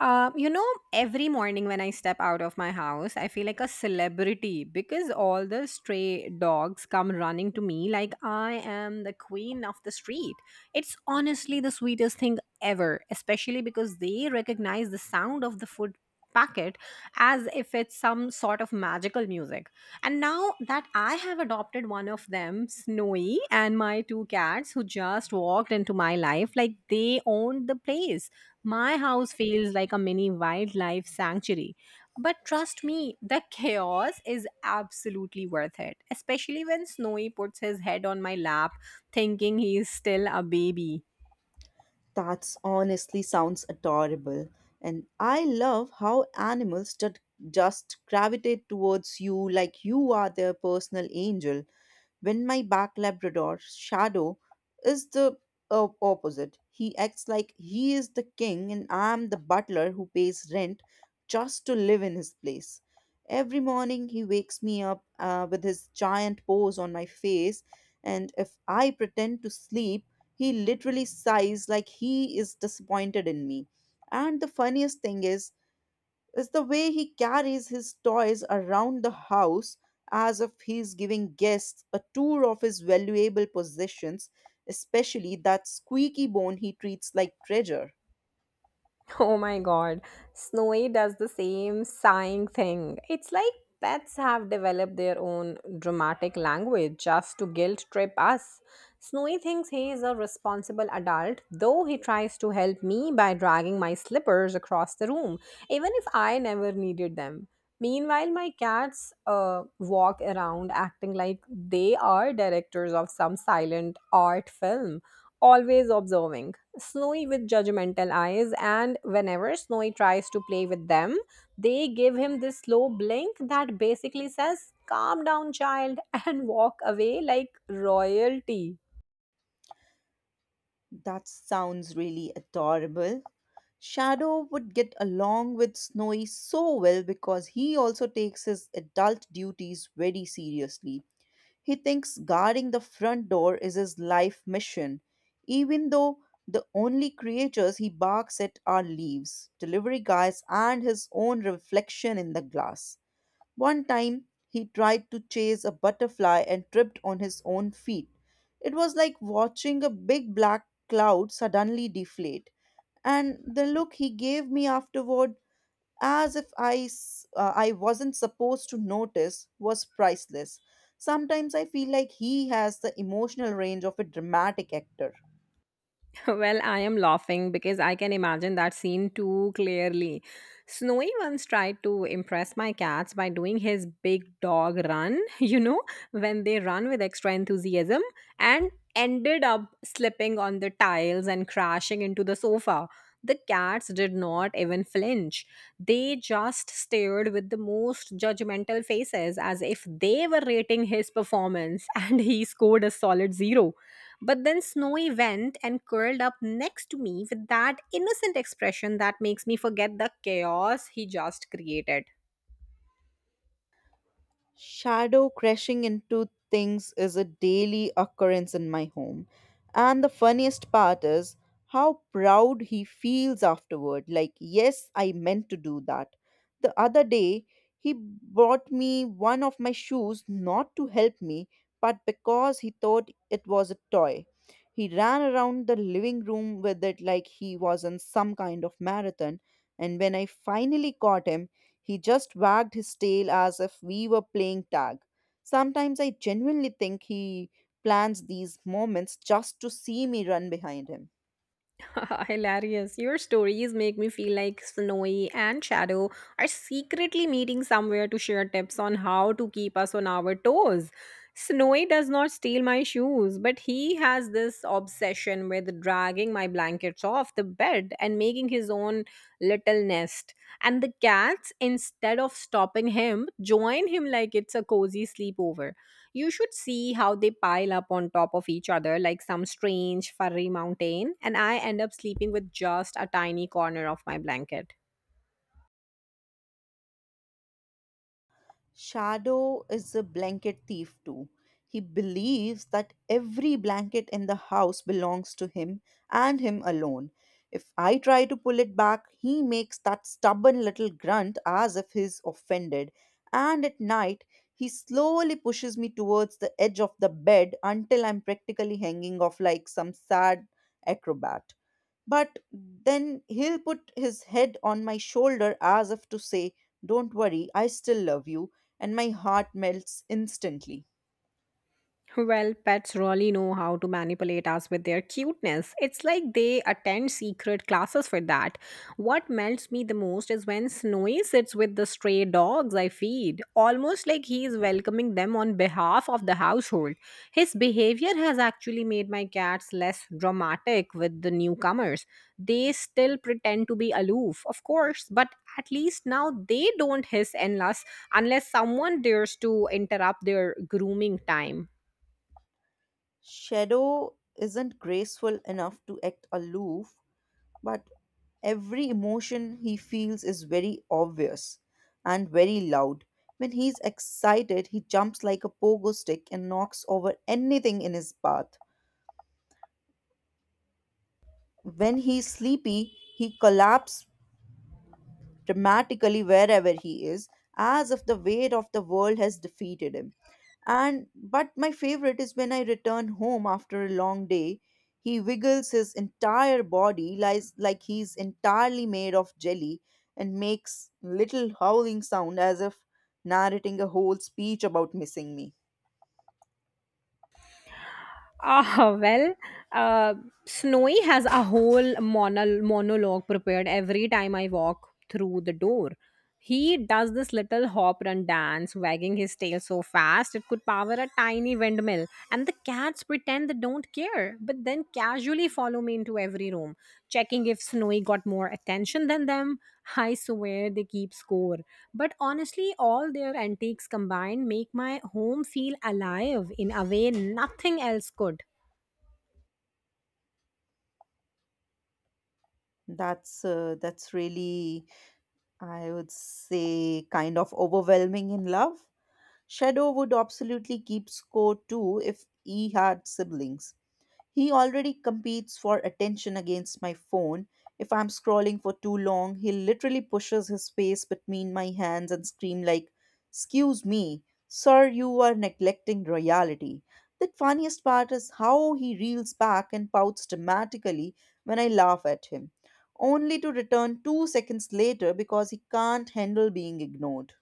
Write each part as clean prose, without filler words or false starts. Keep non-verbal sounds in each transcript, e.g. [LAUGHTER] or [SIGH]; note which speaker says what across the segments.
Speaker 1: Uh, you know, every morning when I step out of my house, I feel like a celebrity because all the stray dogs come running to me like I am the queen of the street. It's honestly the sweetest thing ever, especially because they recognize the sound of the food packet as if it's some sort of magical music. And now that I have adopted one of them, Snowy, and my two cats who just walked into my life, like they owned the place my house feels like a mini wildlife sanctuary. But trust me, the chaos is absolutely worth it, especially when Snowy puts his head on my lap thinking he is still a baby.
Speaker 2: That's honestly sounds adorable. And I love how animals just gravitate towards you like you are their personal angel. When my back Labrador, Shadow, is the opposite. He acts like he is the king and I'm the butler who pays rent just to live in his place. Every morning he wakes me up with his giant paws on my face, and if I pretend to sleep, he literally sighs like he is disappointed in me. And the funniest thing is the way he carries his toys around the house as if he's giving guests a tour of his valuable possessions, especially that squeaky bone he treats like treasure.
Speaker 1: [LAUGHS] Oh my god, Snowy does the same sighing thing. It's like pets have developed their own dramatic language just to guilt trip us. Snowy thinks he is a responsible adult, though he tries to help me by dragging my slippers across the room, even if I never needed them. Meanwhile, my cats walk around acting like they are directors of some silent art film always observing Snowy with judgmental eyes, and whenever Snowy tries to play with them, they give him this slow blink that basically says, Calm down, child, [LAUGHS] and walk away like royalty.
Speaker 2: That sounds really adorable. Shadow would get along with Snowy so well because he also takes his adult duties very seriously. He thinks guarding the front door is his life mission, even though the only creatures he barks at are leaves, delivery guys, and his own reflection in the glass. One time, he tried to chase a butterfly and tripped on his own feet. It was like watching a big black cloud suddenly deflate. And the look he gave me afterward as if I wasn't supposed to notice, was priceless. Sometimes I feel like he has the emotional range of a dramatic actor.
Speaker 1: [LAUGHS] Well, I am laughing because I can imagine that scene too clearly. Snowy once tried to impress my cats by doing his big dog run, [LAUGHS] when they run with extra enthusiasm, and ended up slipping on the tiles and crashing into the sofa. The cats did not even flinch. They just stared with the most judgmental faces as if they were rating his performance, [LAUGHS] and he scored a solid zero. But then Snowy went and curled up next to me with that innocent expression that makes me forget the chaos he just created.
Speaker 2: Shadow crashing into things is a daily occurrence in my home. And the funniest part is how proud he feels afterward. Like, yes, I meant to do that. The other day, he bought me one of my shoes not to help me, but because he thought it was a toy. He ran around the living room with it like he was in some kind of marathon, and when I finally caught him, he just wagged his tail as if we were playing tag. Sometimes I genuinely think he plans these moments just to see me run behind him.
Speaker 1: [LAUGHS] Hilarious. Your stories make me feel like Snowy and Shadow are secretly meeting somewhere to share tips on how to keep us on our toes. Snowy does not steal my shoes, but he has this obsession with dragging my blankets off the bed and making his own little nest. And the cats, instead of stopping him, join him like it's a cozy sleepover. You should see how they pile up on top of each other like some strange furry mountain, and I end up sleeping with just a tiny corner of my blanket.
Speaker 2: Shadow is a blanket thief too. He believes that every blanket in the house belongs to him and him alone. If I try to pull it back, he makes that stubborn little grunt as if he's offended. And at night, he slowly pushes me towards the edge of the bed until I'm practically hanging off like some sad acrobat. But then he'll put his head on my shoulder as if to say, "Don't worry, I still love you." And my heart melts instantly.
Speaker 1: Well, pets really know how to manipulate us with their cuteness. It's like they attend secret classes for that. What melts me the most is when Snowy sits with the stray dogs I feed, almost like he is welcoming them on behalf of the household. His behavior has actually made my cats less dramatic with the newcomers. They still pretend to be aloof, of course, but at least now they don't hiss unless someone dares to interrupt their grooming time.
Speaker 2: Shadow isn't graceful enough to act aloof, but every emotion he feels is very obvious and very loud. When he's excited, he jumps like a pogo stick and knocks over anything in his path. When he's sleepy, he collapses dramatically wherever he is, as if the weight of the world has defeated him. And but my favorite is when I return home after a long day, he wiggles his entire body lies like he's entirely made of jelly and makes little howling sound as if narrating a whole speech about missing me.
Speaker 1: Ah, well, uh, Snowy has a whole monologue prepared every time I walk through the door. He does this little hop run dance, wagging his tail so fast it could power a tiny windmill, and the cats pretend they don't care, but then casually follow me into every room, checking if Snowy got more attention than them. I swear they keep score. But honestly, all their antiques combined make my home feel alive in a way nothing else could.
Speaker 2: That's really, I would say, kind of overwhelming in love. Shadow would absolutely keep score too if he had siblings. He already competes for attention against my phone. If I'm scrolling for too long, he literally pushes his face between my hands and scream like, "Excuse me, sir, you are neglecting reality." The funniest part is how he reels back and pouts dramatically when I laugh at him, only to return 2 seconds later because he can't handle being ignored.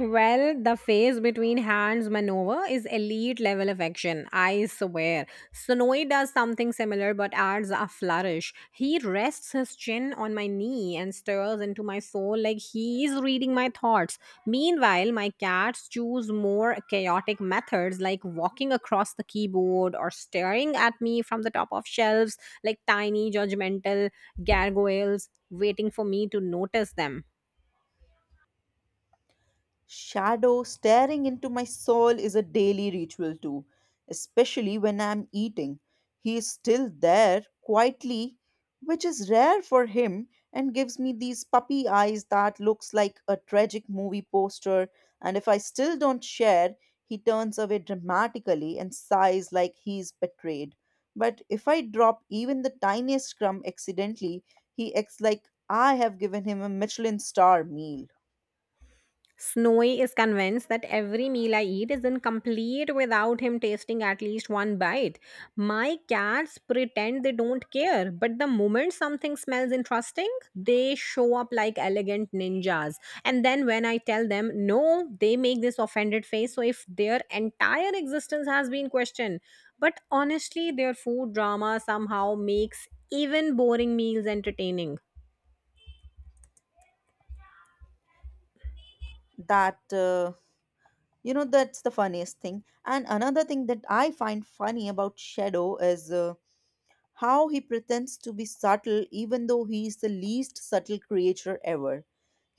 Speaker 1: Well, the phase between hands maneuver is elite level of action, I swear. Sonoy does something similar but adds a flourish. He rests his chin on my knee and stares into my soul like he is reading my thoughts. Meanwhile, my cats choose more chaotic methods like walking across the keyboard or staring at me from the top of shelves like tiny judgmental gargoyles waiting for me to notice them.
Speaker 2: Shadow staring into my soul is a daily ritual too, especially when I'm eating. He is still there quietly, which is rare for him, and gives me these puppy eyes that looks like a tragic movie poster. And if I still don't share, he turns away dramatically and sighs like he's betrayed. But if I drop even the tiniest crumb accidentally, he acts like I have given him a Michelin star meal.
Speaker 1: Snowy is convinced that every meal I eat is incomplete without him tasting at least one bite. My cats pretend they don't care, but the moment something smells interesting, they show up like elegant ninjas. And then when I tell them no, they make this offended face. So if their entire existence has been questioned, but honestly, their food drama somehow makes even boring meals entertaining.
Speaker 2: That uh, You know, that's the funniest thing. And another thing that I find funny about Shadow is how he pretends to be subtle even though he is the least subtle creature ever.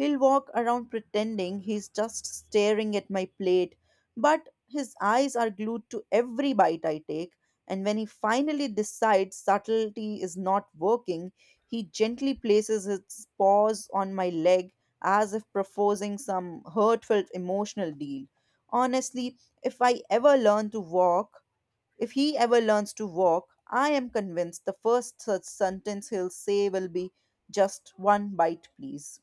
Speaker 2: He'll walk around pretending he's just staring at my plate, but his eyes are glued to every bite I take. And when he finally decides subtlety is not working, he gently places his paws on my leg as if proposing some heartfelt emotional deal. Honestly, if I ever learn to walk, if he ever learns to walk, I am convinced the first such sentence he'll say will be just one bite, please.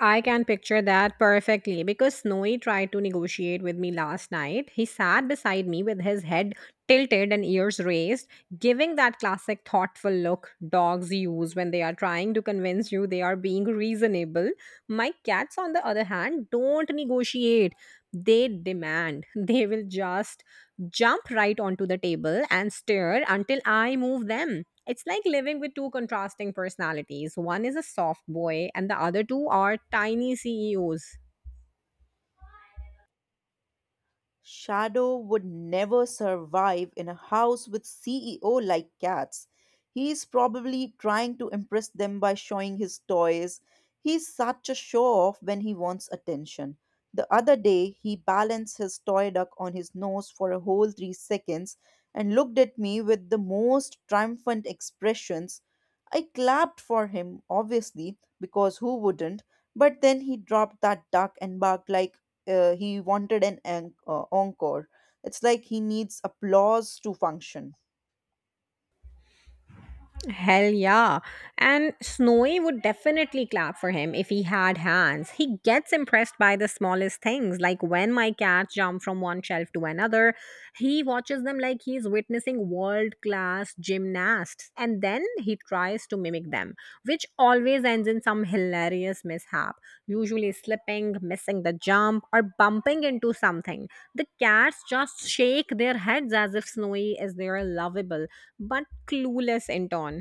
Speaker 1: I can picture that perfectly because Snowy tried to negotiate with me last night. He sat beside me with his head tilted and ears raised, giving that classic thoughtful look dogs use when they are trying to convince you they are being reasonable. My cats, on the other hand, don't negotiate, they demand. [LAUGHS] They will just jump right onto the table and stare until I move them. It's like living with two contrasting personalities. One is a soft boy, and the other two are tiny CEOs.
Speaker 2: Shadow would never survive in a house with CEO like cats. He's probably trying to impress them by showing his toys. He's such a show off when he wants attention. The other day, he balanced his toy duck on his nose for a whole 3 seconds and looked at me with the most triumphant expressions. I clapped for him, obviously, because who wouldn't? But then he dropped that duck and barked like, he wanted an encore. It's like he needs applause to function.
Speaker 1: Hell yeah. And Snowy would definitely clap for him if he had hands. He gets impressed by the smallest things, like when my cat jump from one shelf to another. He watches them like he's witnessing world class gymnasts, and then he tries to mimic them, which always ends in some hilarious mishap, usually slipping, missing the jump, or bumping into something. The cats just shake their heads as if Snowy is their lovable but clueless intern.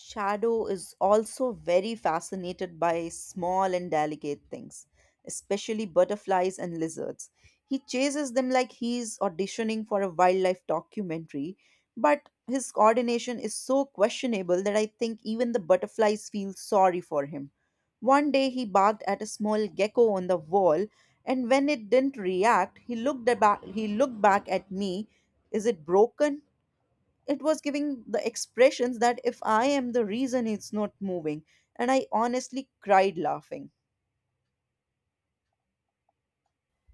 Speaker 2: Shadow is also very fascinated by small and delicate things, especially butterflies and lizards. He chases them like he's auditioning for a wildlife documentary, but his coordination is so questionable that I think even the butterflies feel sorry for him. One day he barked at a small gecko on the wall, and when it didn't react, he looked back at me. Is it broken? It was giving the expressions that if I am the reason it's not moving. And I honestly cried laughing.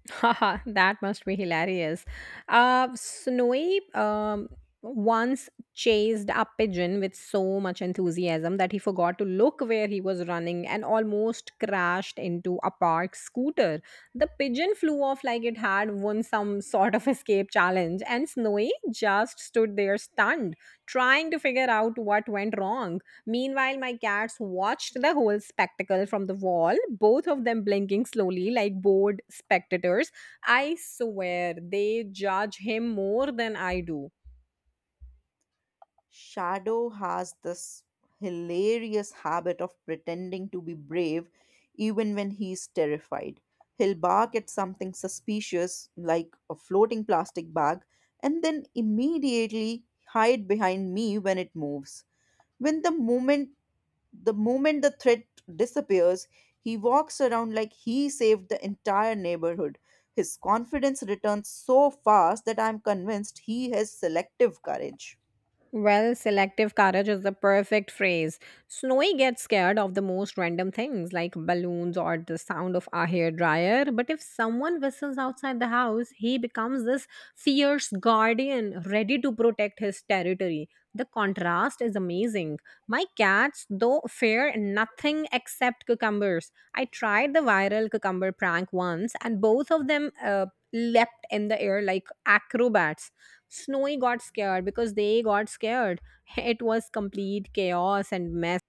Speaker 1: Haha, that must be hilarious. Snowy once chased a pigeon with so much enthusiasm that he forgot to look where he was running and almost crashed into a parked scooter. The pigeon flew off like it had won some sort of escape challenge, and Snowy just stood there stunned, trying to figure out what went wrong. Meanwhile, my cats watched the whole spectacle from the wall, both of them blinking slowly like bored spectators. I swear they judge him more than I do.
Speaker 2: Shadow has this hilarious habit of pretending to be brave even when he's terrified. He'll bark at something suspicious, like a floating plastic bag, and then immediately hide behind me when it moves. When the moment The moment the threat disappears, he walks around like he saved the entire neighborhood. His confidence returns so fast that I'm convinced he has selective courage.
Speaker 1: Well, selective courage is the perfect phrase. Snowy gets scared of the most random things like balloons or the sound of a hairdryer, but if someone whistles outside the house, he becomes this fierce guardian ready to protect his territory. The contrast is amazing. My cats, though, fear nothing except cucumbers. I tried the viral cucumber prank once, and both of them leapt in the air like acrobats Snowy got scared because they got scared. [LAUGHS] It was complete chaos and mess.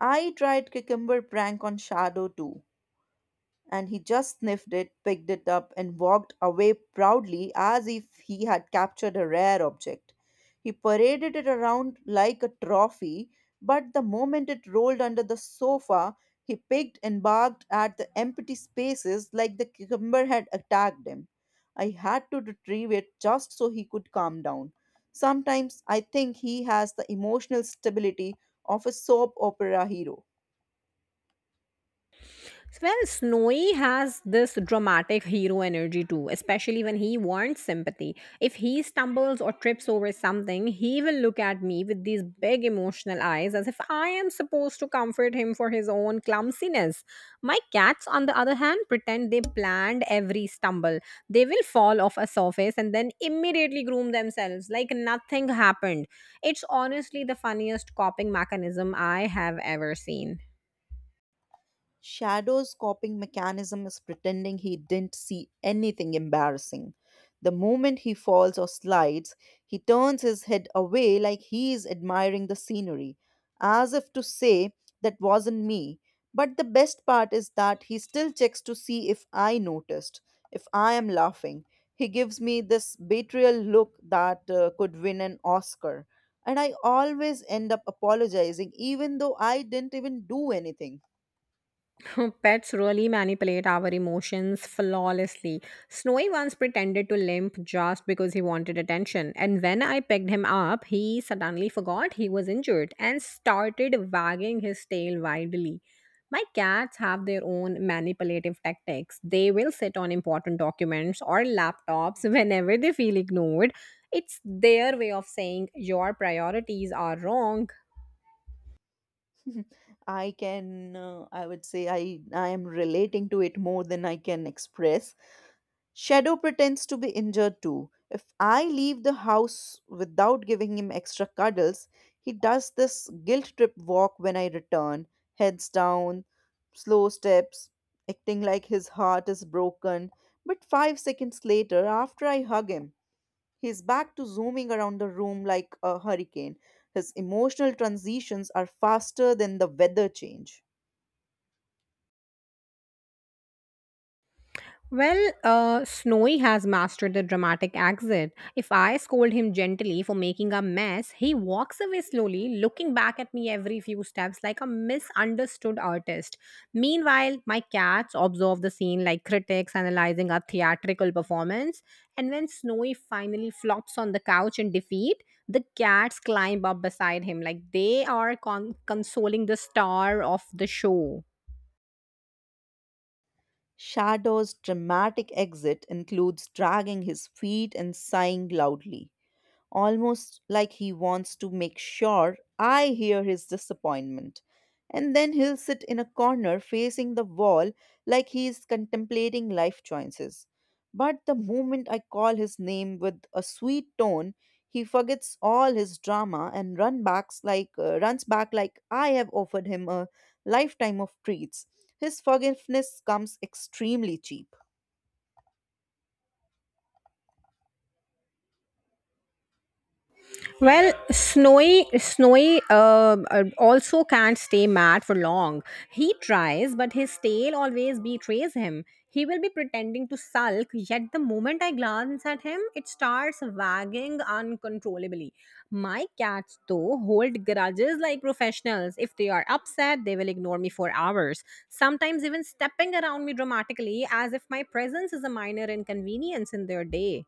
Speaker 2: I tried cucumber prank on Shadow too, and he just sniffed it, picked it up, and walked away proudly as if he had captured a rare object. He paraded it around like a trophy, but the moment it rolled under the sofa, he picked and barked at the empty spaces like the cucumber had attacked him. I had to retrieve it just so he could calm down. Sometimes I think he has the emotional stability of a soap opera hero.
Speaker 1: Well, Snowy has this dramatic hero energy too, especially when he wants sympathy. If he stumbles or trips over something, he will look at me with these big emotional eyes as if I am supposed to comfort him for his own clumsiness. My cats, on the other hand, pretend they planned every stumble. They will fall off a surface and then immediately groom themselves like nothing happened. It's honestly the funniest coping mechanism I have ever seen.
Speaker 2: Shadow's coping mechanism is pretending he didn't see anything embarrassing. The moment he falls or slides, he turns his head away like he is admiring the scenery, as if to say, "That wasn't me." But the best part is that he still checks to see if I noticed, if I am laughing. He gives me this betrayal look that could win an Oscar. And I always end up apologizing, even though I didn't even do anything.
Speaker 1: [LAUGHS] Pets really manipulate our emotions flawlessly. Snowy once pretended to limp just because he wanted attention, and when I picked him up, he suddenly forgot he was injured and started wagging his tail wildly. My cats have their own manipulative tactics. They will sit on important documents or laptops [LAUGHS] whenever they feel ignored. It's their way of saying your priorities are wrong.
Speaker 2: [LAUGHS] I would say, I am relating to it more than I can express. Shadow pretends to be injured too. If I leave the house without giving him extra cuddles, he does this guilt trip walk when I return, heads down, slow steps, acting like his heart is broken. But 5 seconds later, after I hug him, he's back to zooming around the room like a hurricane. His emotional transitions are faster than the weather change.
Speaker 1: Well, Snowy has mastered the dramatic exit. If I scold him gently for making a mess, he walks away slowly, looking back at me every few steps like a misunderstood artist. Meanwhile, my cats observe the scene like critics analyzing a theatrical performance. And when Snowy finally flops on the couch in defeat, the cats climb up beside him like they are consoling the star of the show.
Speaker 2: Shadow's dramatic exit includes dragging his feet and sighing loudly, almost like he wants to make sure I hear his disappointment. And then he'll sit in a corner facing the wall like he is contemplating life choices. But the moment I call his name with a sweet tone, he forgets all his drama and runs back like I have offered him a lifetime of treats. His forgiveness comes extremely cheap.
Speaker 1: Well, snowy, snowy also can't stay mad for long. He tries, but his tail always betrays him. He will be pretending to sulk, yet the moment I glance at him, it starts wagging uncontrollably. My cats, though, hold grudges like professionals. If they are upset, they will ignore me for hours, sometimes even stepping around me dramatically as if my presence is a minor inconvenience in their day.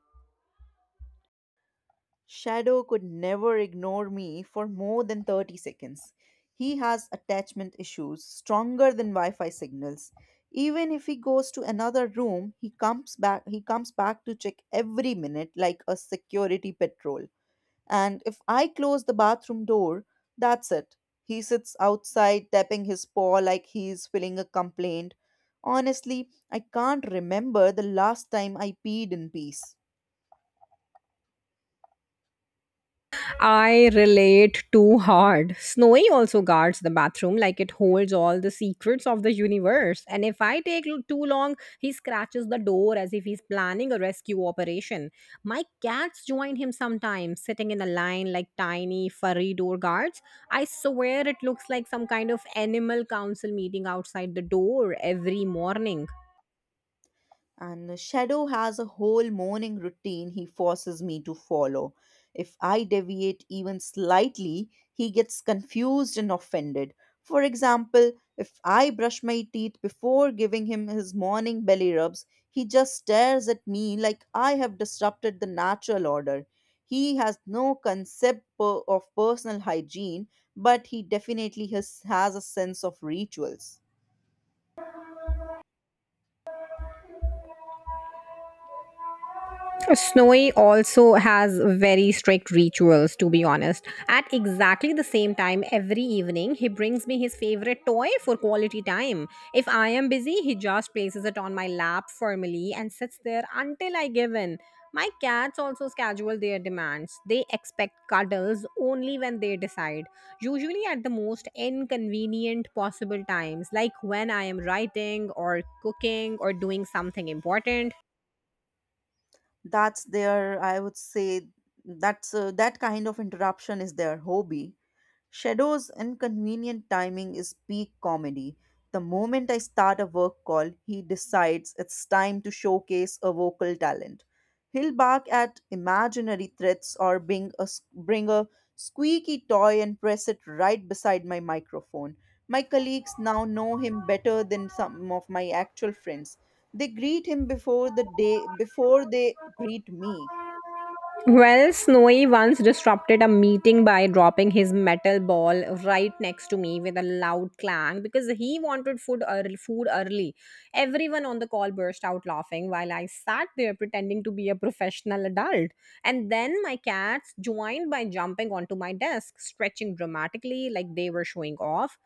Speaker 2: Shadow could never ignore me for more than 30 seconds. He has attachment issues stronger than Wi-Fi signals. Even if he goes to another room, he comes back to check every minute like a security patrol. And if I close the bathroom door, that's it. He sits outside tapping his paw like he's filling a complaint. Honestly, I can't remember the last time I peed in peace.
Speaker 1: I relate too hard. Snowy also guards the bathroom like it holds all the secrets of the universe. And if I take too long, he scratches the door as if he's planning a rescue operation. My cats join him sometimes, sitting in a line like tiny, furry door guards. I swear it looks like some kind of animal council meeting outside the door every morning.
Speaker 2: And Shadow has a whole morning routine he forces me to follow. If I deviate even slightly, he gets confused and offended. For example, if I brush my teeth before giving him his morning belly rubs, he just stares at me like I have disrupted the natural order. He has no concept of personal hygiene, but he definitely has a sense of rituals.
Speaker 1: Snowy also has very strict rituals, to be honest. At exactly the same time every evening, he brings me his favorite toy for quality time. If I am busy, he just places it on my lap firmly and sits there until I give in. My cats also schedule their demands. They expect cuddles only when they decide, usually at the most inconvenient possible times, like when I am writing or cooking or doing something important.
Speaker 2: That's their I would say That's, that kind of interruption is their hobby. Shadow's inconvenient timing is peak comedy. The moment I start a work call, he decides it's time to showcase a vocal talent. He'll bark at imaginary threats or bring a squeaky toy and press it right beside my microphone. My colleagues now know him better than some of my actual friends. They greet him before the day before they greet me.
Speaker 1: Well, Snowy once disrupted a meeting by dropping his metal ball right next to me with a loud clang because he wanted food early, food early. Everyone on the call burst out laughing while I sat there pretending to be a professional adult. And then my cats joined by jumping onto my desk, stretching dramatically like they were showing off.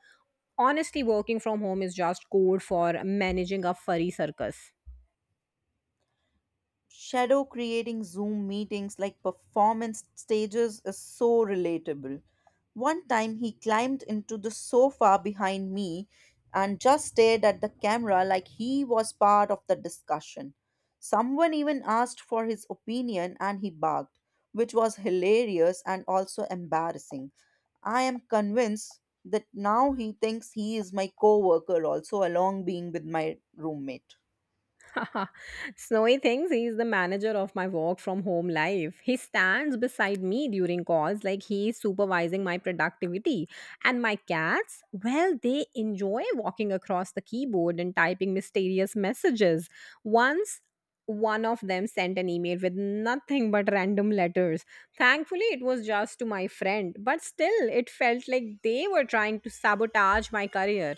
Speaker 1: Honestly, working from home is just code for managing a furry circus.
Speaker 2: Shadow creating Zoom meetings like performance stages is so relatable. One time he climbed into the sofa behind me and just stared at the camera like he was part of the discussion. Someone even asked for his opinion and he barked, which was hilarious and also embarrassing. I am convinced that now he thinks he is my coworker also along being with my roommate.
Speaker 1: [LAUGHS] Snowy thinks he's the manager of my work from home life. He stands beside me during calls like he's supervising my productivity. And my cats, well, they enjoy walking across the keyboard and typing mysterious messages. Once one of them sent an email with nothing but random letters. Thankfully, it was just to my friend, but still, it felt like they were trying to sabotage my career.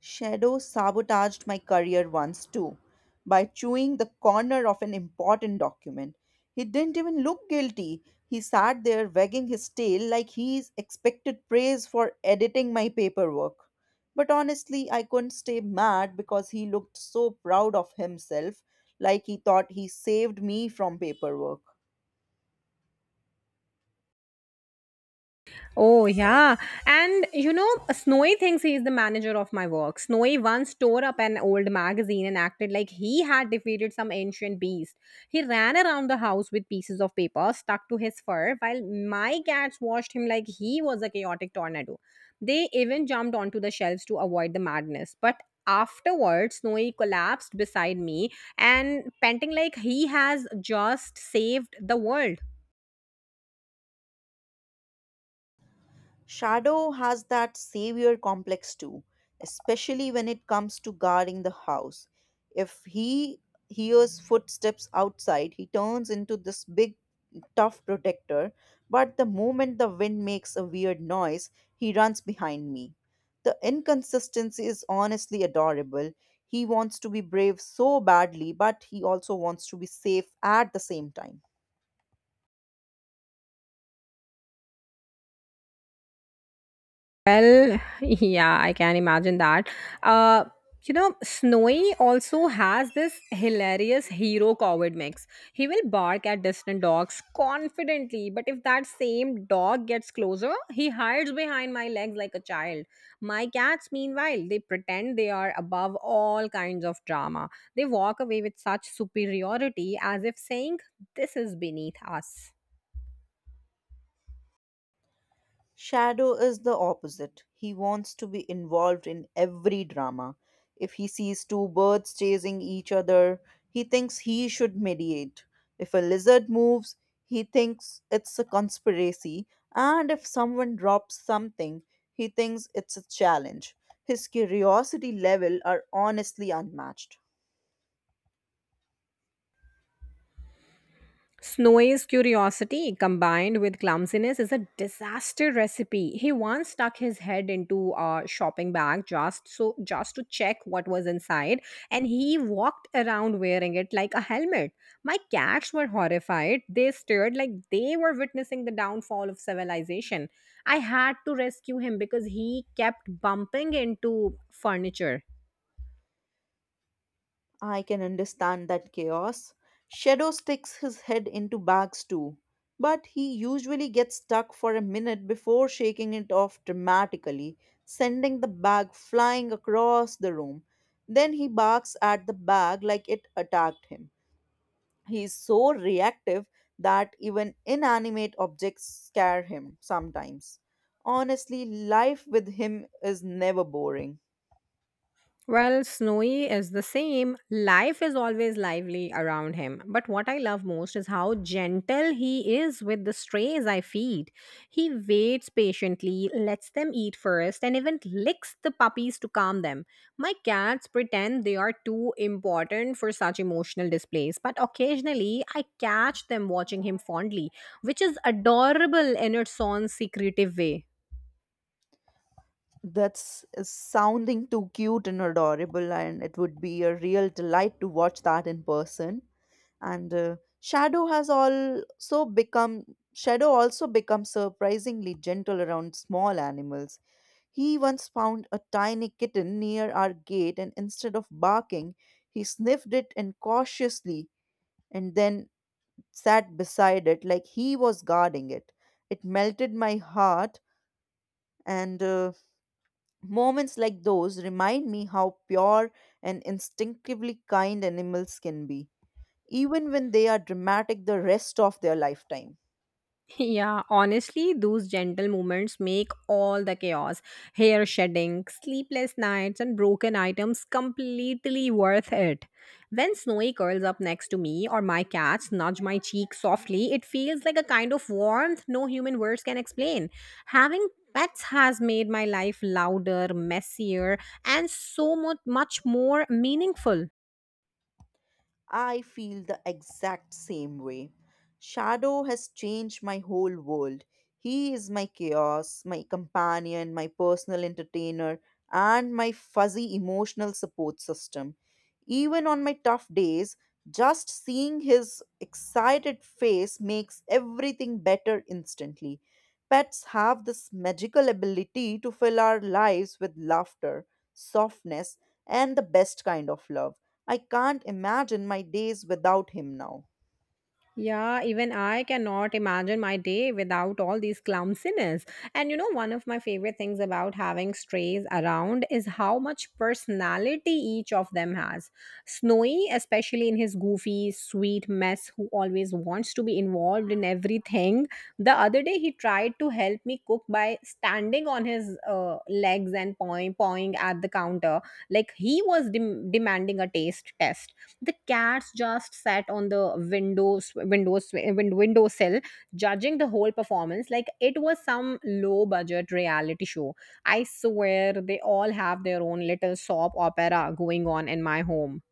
Speaker 2: Shadow sabotaged my career once too by chewing the corner of an important document. He didn't even look guilty. He sat there wagging his tail like he expected praise for editing my paperwork. But honestly, I couldn't stay mad because he looked so proud of himself, like he thought he saved me from paperwork.
Speaker 1: Oh, yeah. And you know, Snowy thinks he is the manager of my work. Snowy once tore up an old magazine and acted like he had defeated some ancient beast. He ran around the house with pieces of paper stuck to his fur, while my cats watched him like he was a chaotic tornado. They even jumped onto the shelves to avoid the madness. But afterwards, Snowy collapsed beside me and panting like he has just saved the world.
Speaker 2: Shadow has that savior complex too, especially when it comes to guarding the house. If he hears footsteps outside, he turns into this big, tough protector, but the moment the wind makes a weird noise, he runs behind me. The inconsistency is honestly adorable. He wants to be brave so badly, but he also wants to be safe at the same time.
Speaker 1: Well, [LAUGHS] yeah, I can imagine that. Uh, you know, Snowy also has this hilarious hero coward mix. He will bark at distant dogs confidently, but if that same dog gets closer, he hides behind my legs like a child. My cats, meanwhile, they pretend they are above all kinds of drama. They walk away with such superiority as if saying, this is beneath us.
Speaker 2: Shadow is the opposite. He wants to be involved in every drama. If he sees two birds chasing each other, he thinks he should mediate. If a lizard moves, he thinks it's a conspiracy. And if someone drops something, he thinks it's a challenge. His curiosity level are honestly unmatched.
Speaker 1: Snowy's curiosity combined with clumsiness is a disaster recipe. He once stuck his head into a shopping bag just to check what was inside, and he walked around wearing it like a helmet. My cats were horrified. They stared like they were witnessing the downfall of civilization. I had to rescue him because he kept bumping into furniture.
Speaker 2: I can understand that chaos. Shadow sticks his head into bags too, but he usually gets stuck for a minute before shaking it off dramatically, sending the bag flying across the room. Then he barks at the bag like it attacked him. He is so reactive that even inanimate objects scare him sometimes. Honestly, life with him is never boring.
Speaker 1: Well, Snowy is the same. Life is always lively around him. But what I love most is how gentle he is with the strays I feed. He waits patiently, lets them eat first, and even licks the puppies to calm them. My cats pretend they are too important for such emotional displays, but occasionally I catch them watching him fondly, which is adorable in its own secretive way.
Speaker 2: That's is sounding too cute and adorable, and it would be a real delight to watch that in person. And Shadow also becomes surprisingly gentle around small animals. He once found a tiny kitten near our gate, and instead of barking, he sniffed it and cautiously and then sat beside it like he was guarding it. It melted my heart, and moments like those remind me how pure and instinctively kind animals can be, even when they are dramatic the rest of their lifetime.
Speaker 1: Yeah, honestly, those gentle movements make all the chaos, hair shedding, sleepless nights, and broken items completely worth it. When Snowy curls up next to me or my cats nudge my cheek softly, it feels like a kind of warmth no human words can explain. Having pets has made my life louder, messier, and so much, more meaningful.
Speaker 2: I feel the exact same way. Shadow has changed my whole world. He is my chaos, my companion, my personal entertainer, and my fuzzy emotional support system. Even on my tough days, just seeing his excited face makes everything better instantly. Pets have this magical ability to fill our lives with laughter, softness, and the best kind of love. I can't imagine my days without him now.
Speaker 1: Yeah, even I cannot imagine my day without all these clumsiness. And you know, one of my favorite things about having strays around is how much personality each of them has. Snowy, especially in his goofy, sweet mess, who always wants to be involved in everything. The other day, he tried to help me cook by standing on his legs and pawing at the counter. Like he was demanding a taste test. The cats just sat on the windowsill, judging the whole performance like it was some low budget reality show. I swear they all have their own little soap opera going on in my home.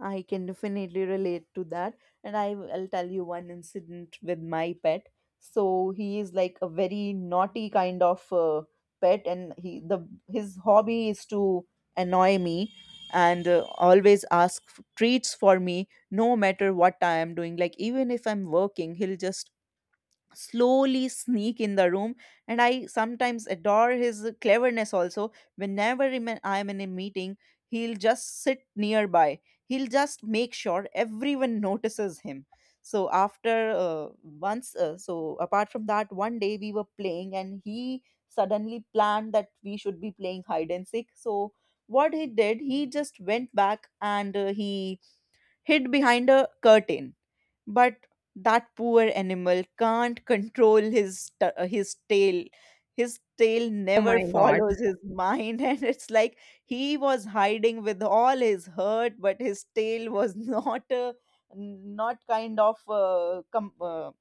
Speaker 2: I can definitely relate to that. And I will tell you one incident with my pet. So he is like a very naughty kind of pet, and he the his hobby is to annoy me and always treats for me no matter what I am doing. Like even if I'm working, he'll just slowly sneak in the room. And I sometimes adore his cleverness also. Whenever I'm in a meeting, he'll just sit nearby. He'll just make sure everyone [LAUGHS] notices him. So after once so apart from that, one day we were playing and he suddenly planned that we should be playing hide and seek. So what he did, he just went back and he hid behind a curtain. But that poor animal can't control his tail. His tail
Speaker 1: Oh
Speaker 2: never
Speaker 1: my
Speaker 2: [LAUGHS]
Speaker 1: god.
Speaker 2: follows his mind, [LAUGHS] and it's like he was hiding with all his hurt, but his tail was [LAUGHS] not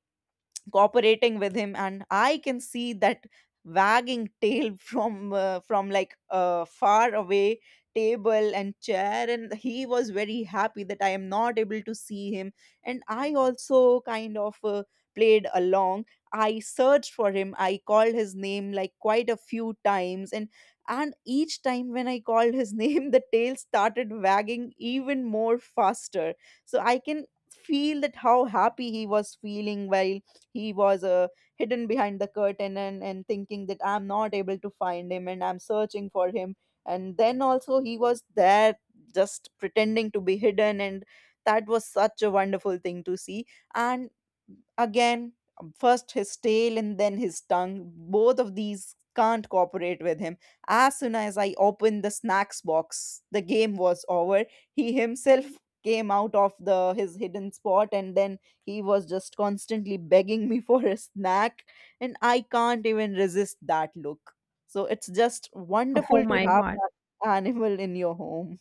Speaker 2: cooperating with him. And I can see that wagging tail [LAUGHS] from like a far away table and chair. And he was very happy that I am not able to see him. And I also kind of uh, played along. I searched for him, I called his name like quite a few times. And and each time when I called his [LAUGHS] name, the tail started wagging even more faster. So I can feel that how happy he was feeling while just he was hidden behind the curtain, and thinking that I'm not able to find him and I'm searching for him. And then also he was there just pretending to be hidden. And that was such a wonderful thing to see. And again, first his tail and then his tongue, both of these can't cooperate with him. As soon as I opened the snacks box, the game was over. He himself came out of the his hidden spot, and then he was just constantly begging me [LAUGHS] for a snack, and I can't even resist that look. So it's just
Speaker 1: Oh
Speaker 2: wonderful to
Speaker 1: my
Speaker 2: have
Speaker 1: god.
Speaker 2: that animal in your home.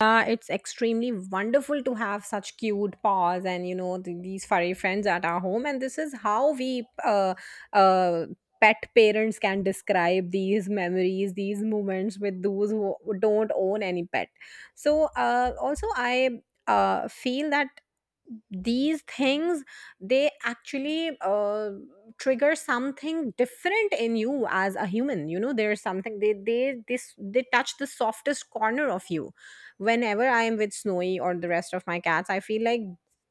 Speaker 1: Yeah, it's extremely wonderful to have such cute paws and you know these furry friends at our home. And this is how we uh, pet parents can describe these memories, these moments with those who don't own any pet. So also, I feel that these things, they actually trigger something different in you as a human. You know, there's something they this they touch the softest corner of you. Whenever I am with Snowy or the rest of my cats, I feel like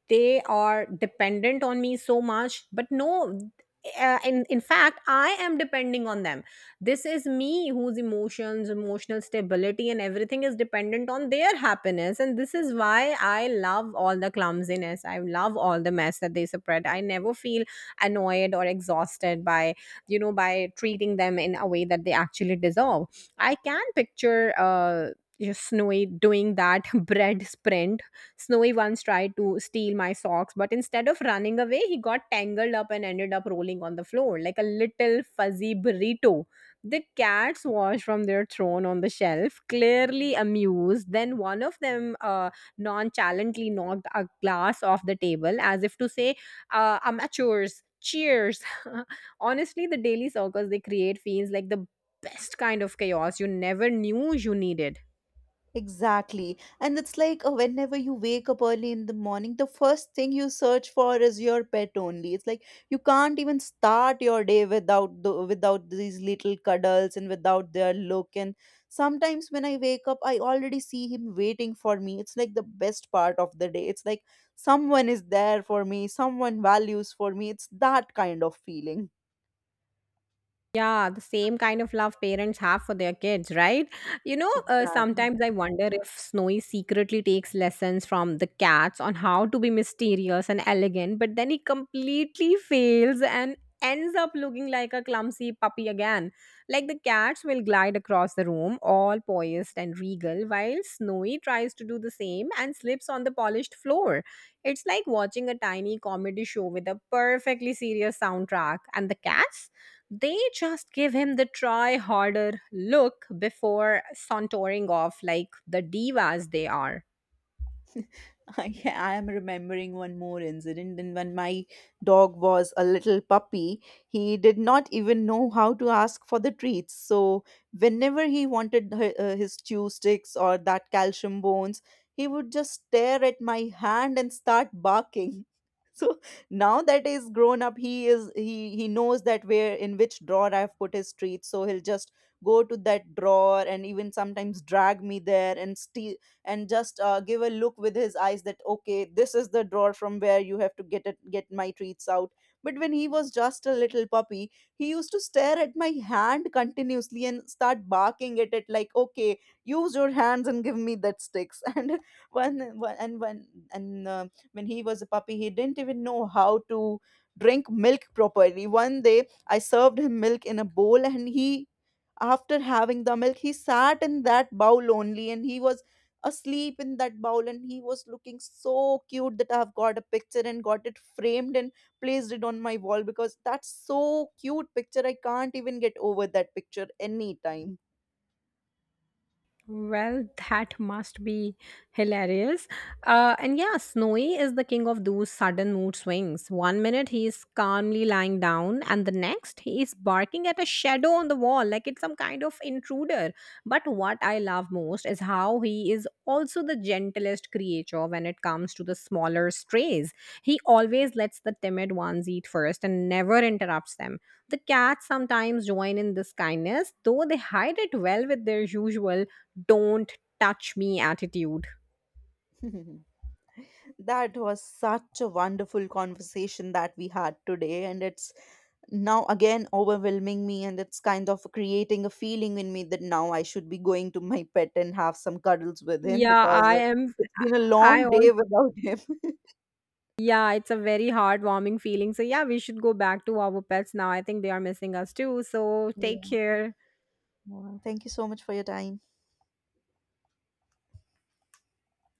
Speaker 1: they are dependent on me so much. But no, in fact, I am depending on them. This is me whose emotions, emotional stability, and everything is dependent on their happiness. And this is why I love all the clumsiness. I love all the mess that they spread. I never feel annoyed or exhausted by, you know, by treating them in a way that they actually deserve. I can picture yes, Snowy doing that [LAUGHS] bread sprint. Snowy once tried to steal my socks, but instead of running away, he got tangled up and ended up rolling on the floor like a little fuzzy burrito. The cats watched from their throne on the shelf, clearly amused. Then one of them nonchalantly knocked a glass off the table as if to say, amateurs, cheers. [LAUGHS] Honestly, the daily circus they create feels like the best kind of chaos you never knew you needed.
Speaker 2: Exactly. And it's like whenever you wake up early in the morning, the first thing you search for is your pet only. It's like you can't even start your day without without these little cuddles and without their look. And sometimes when I wake up, I already see him waiting for me. It's like the best part of the day. It's like someone is there for me, someone values for me. It's that kind of feeling.
Speaker 1: Yeah, the same kind of love parents have for their kids, right? You know,
Speaker 2: Exactly.
Speaker 1: sometimes I wonder if Snowy secretly takes lessons from the cats on how to be mysterious and elegant, but then he completely fails and ends up looking like a clumsy puppy again. Like the cats will glide across the room, all poised and regal, while Snowy tries to do the same and slips on the polished floor. It's like watching a tiny comedy show with a perfectly serious soundtrack, and the cats, they just give him the try harder look before sauntering off like the divas they are.
Speaker 2: [LAUGHS] Yeah, I am remembering one more incident. And when my dog was a little puppy, he did not even know how to ask for the treats. So, whenever he wanted his chew sticks or that calcium bones, he would just stare at my hand and start barking. [LAUGHS] So now that he's grown up, he is he knows that where in which drawer I've put his treats. So he'll just go to that drawer and even sometimes drag me there and steal, and just give a look with his eyes that okay, this is the drawer from where you have to get my treats out. But when he was just a little puppy, he used to stare at my hand continuously and start barking at it like, okay, use your hands and give me that sticks. [LAUGHS] And when when- and when and uh, when he was a puppy, he didn't even know how to drink milk properly. One day I served him milk in a bowl, and he after having the milk, he sat in that bowl only, and he was asleep in that bowl. And he was looking so cute that I have got a picture and got it framed and placed it on my wall, because that's so cute picture. I can't even get over that picture anytime.
Speaker 1: Well, that must be hilarious. And yeah, Snowy is the king of those sudden mood swings. One minute he is calmly lying down, and the next he is barking at a shadow on the wall like it's some kind of intruder. But what I love most is how he is also the gentlest creature when it comes to the smaller strays. He always lets the timid ones eat first and never interrupts them. The cats sometimes join in this kindness, though they hide it well with their usual don't touch me attitude.
Speaker 2: [LAUGHS] That was such a wonderful conversation that we had today, and it's now again overwhelming me. And it's kind of creating a feeling in me that now I should be going to my pet and have some cuddles with him,
Speaker 1: Yeah,
Speaker 2: because
Speaker 1: I am.
Speaker 2: it's been a
Speaker 1: I
Speaker 2: long day
Speaker 1: all.
Speaker 2: without him. [LAUGHS]
Speaker 1: Yeah, it's a very heartwarming feeling. So, yeah, we should go back to our pets now. I think they are missing us too. So, take
Speaker 2: Yeah.
Speaker 1: care.
Speaker 2: Wow. Thank you so much for your time.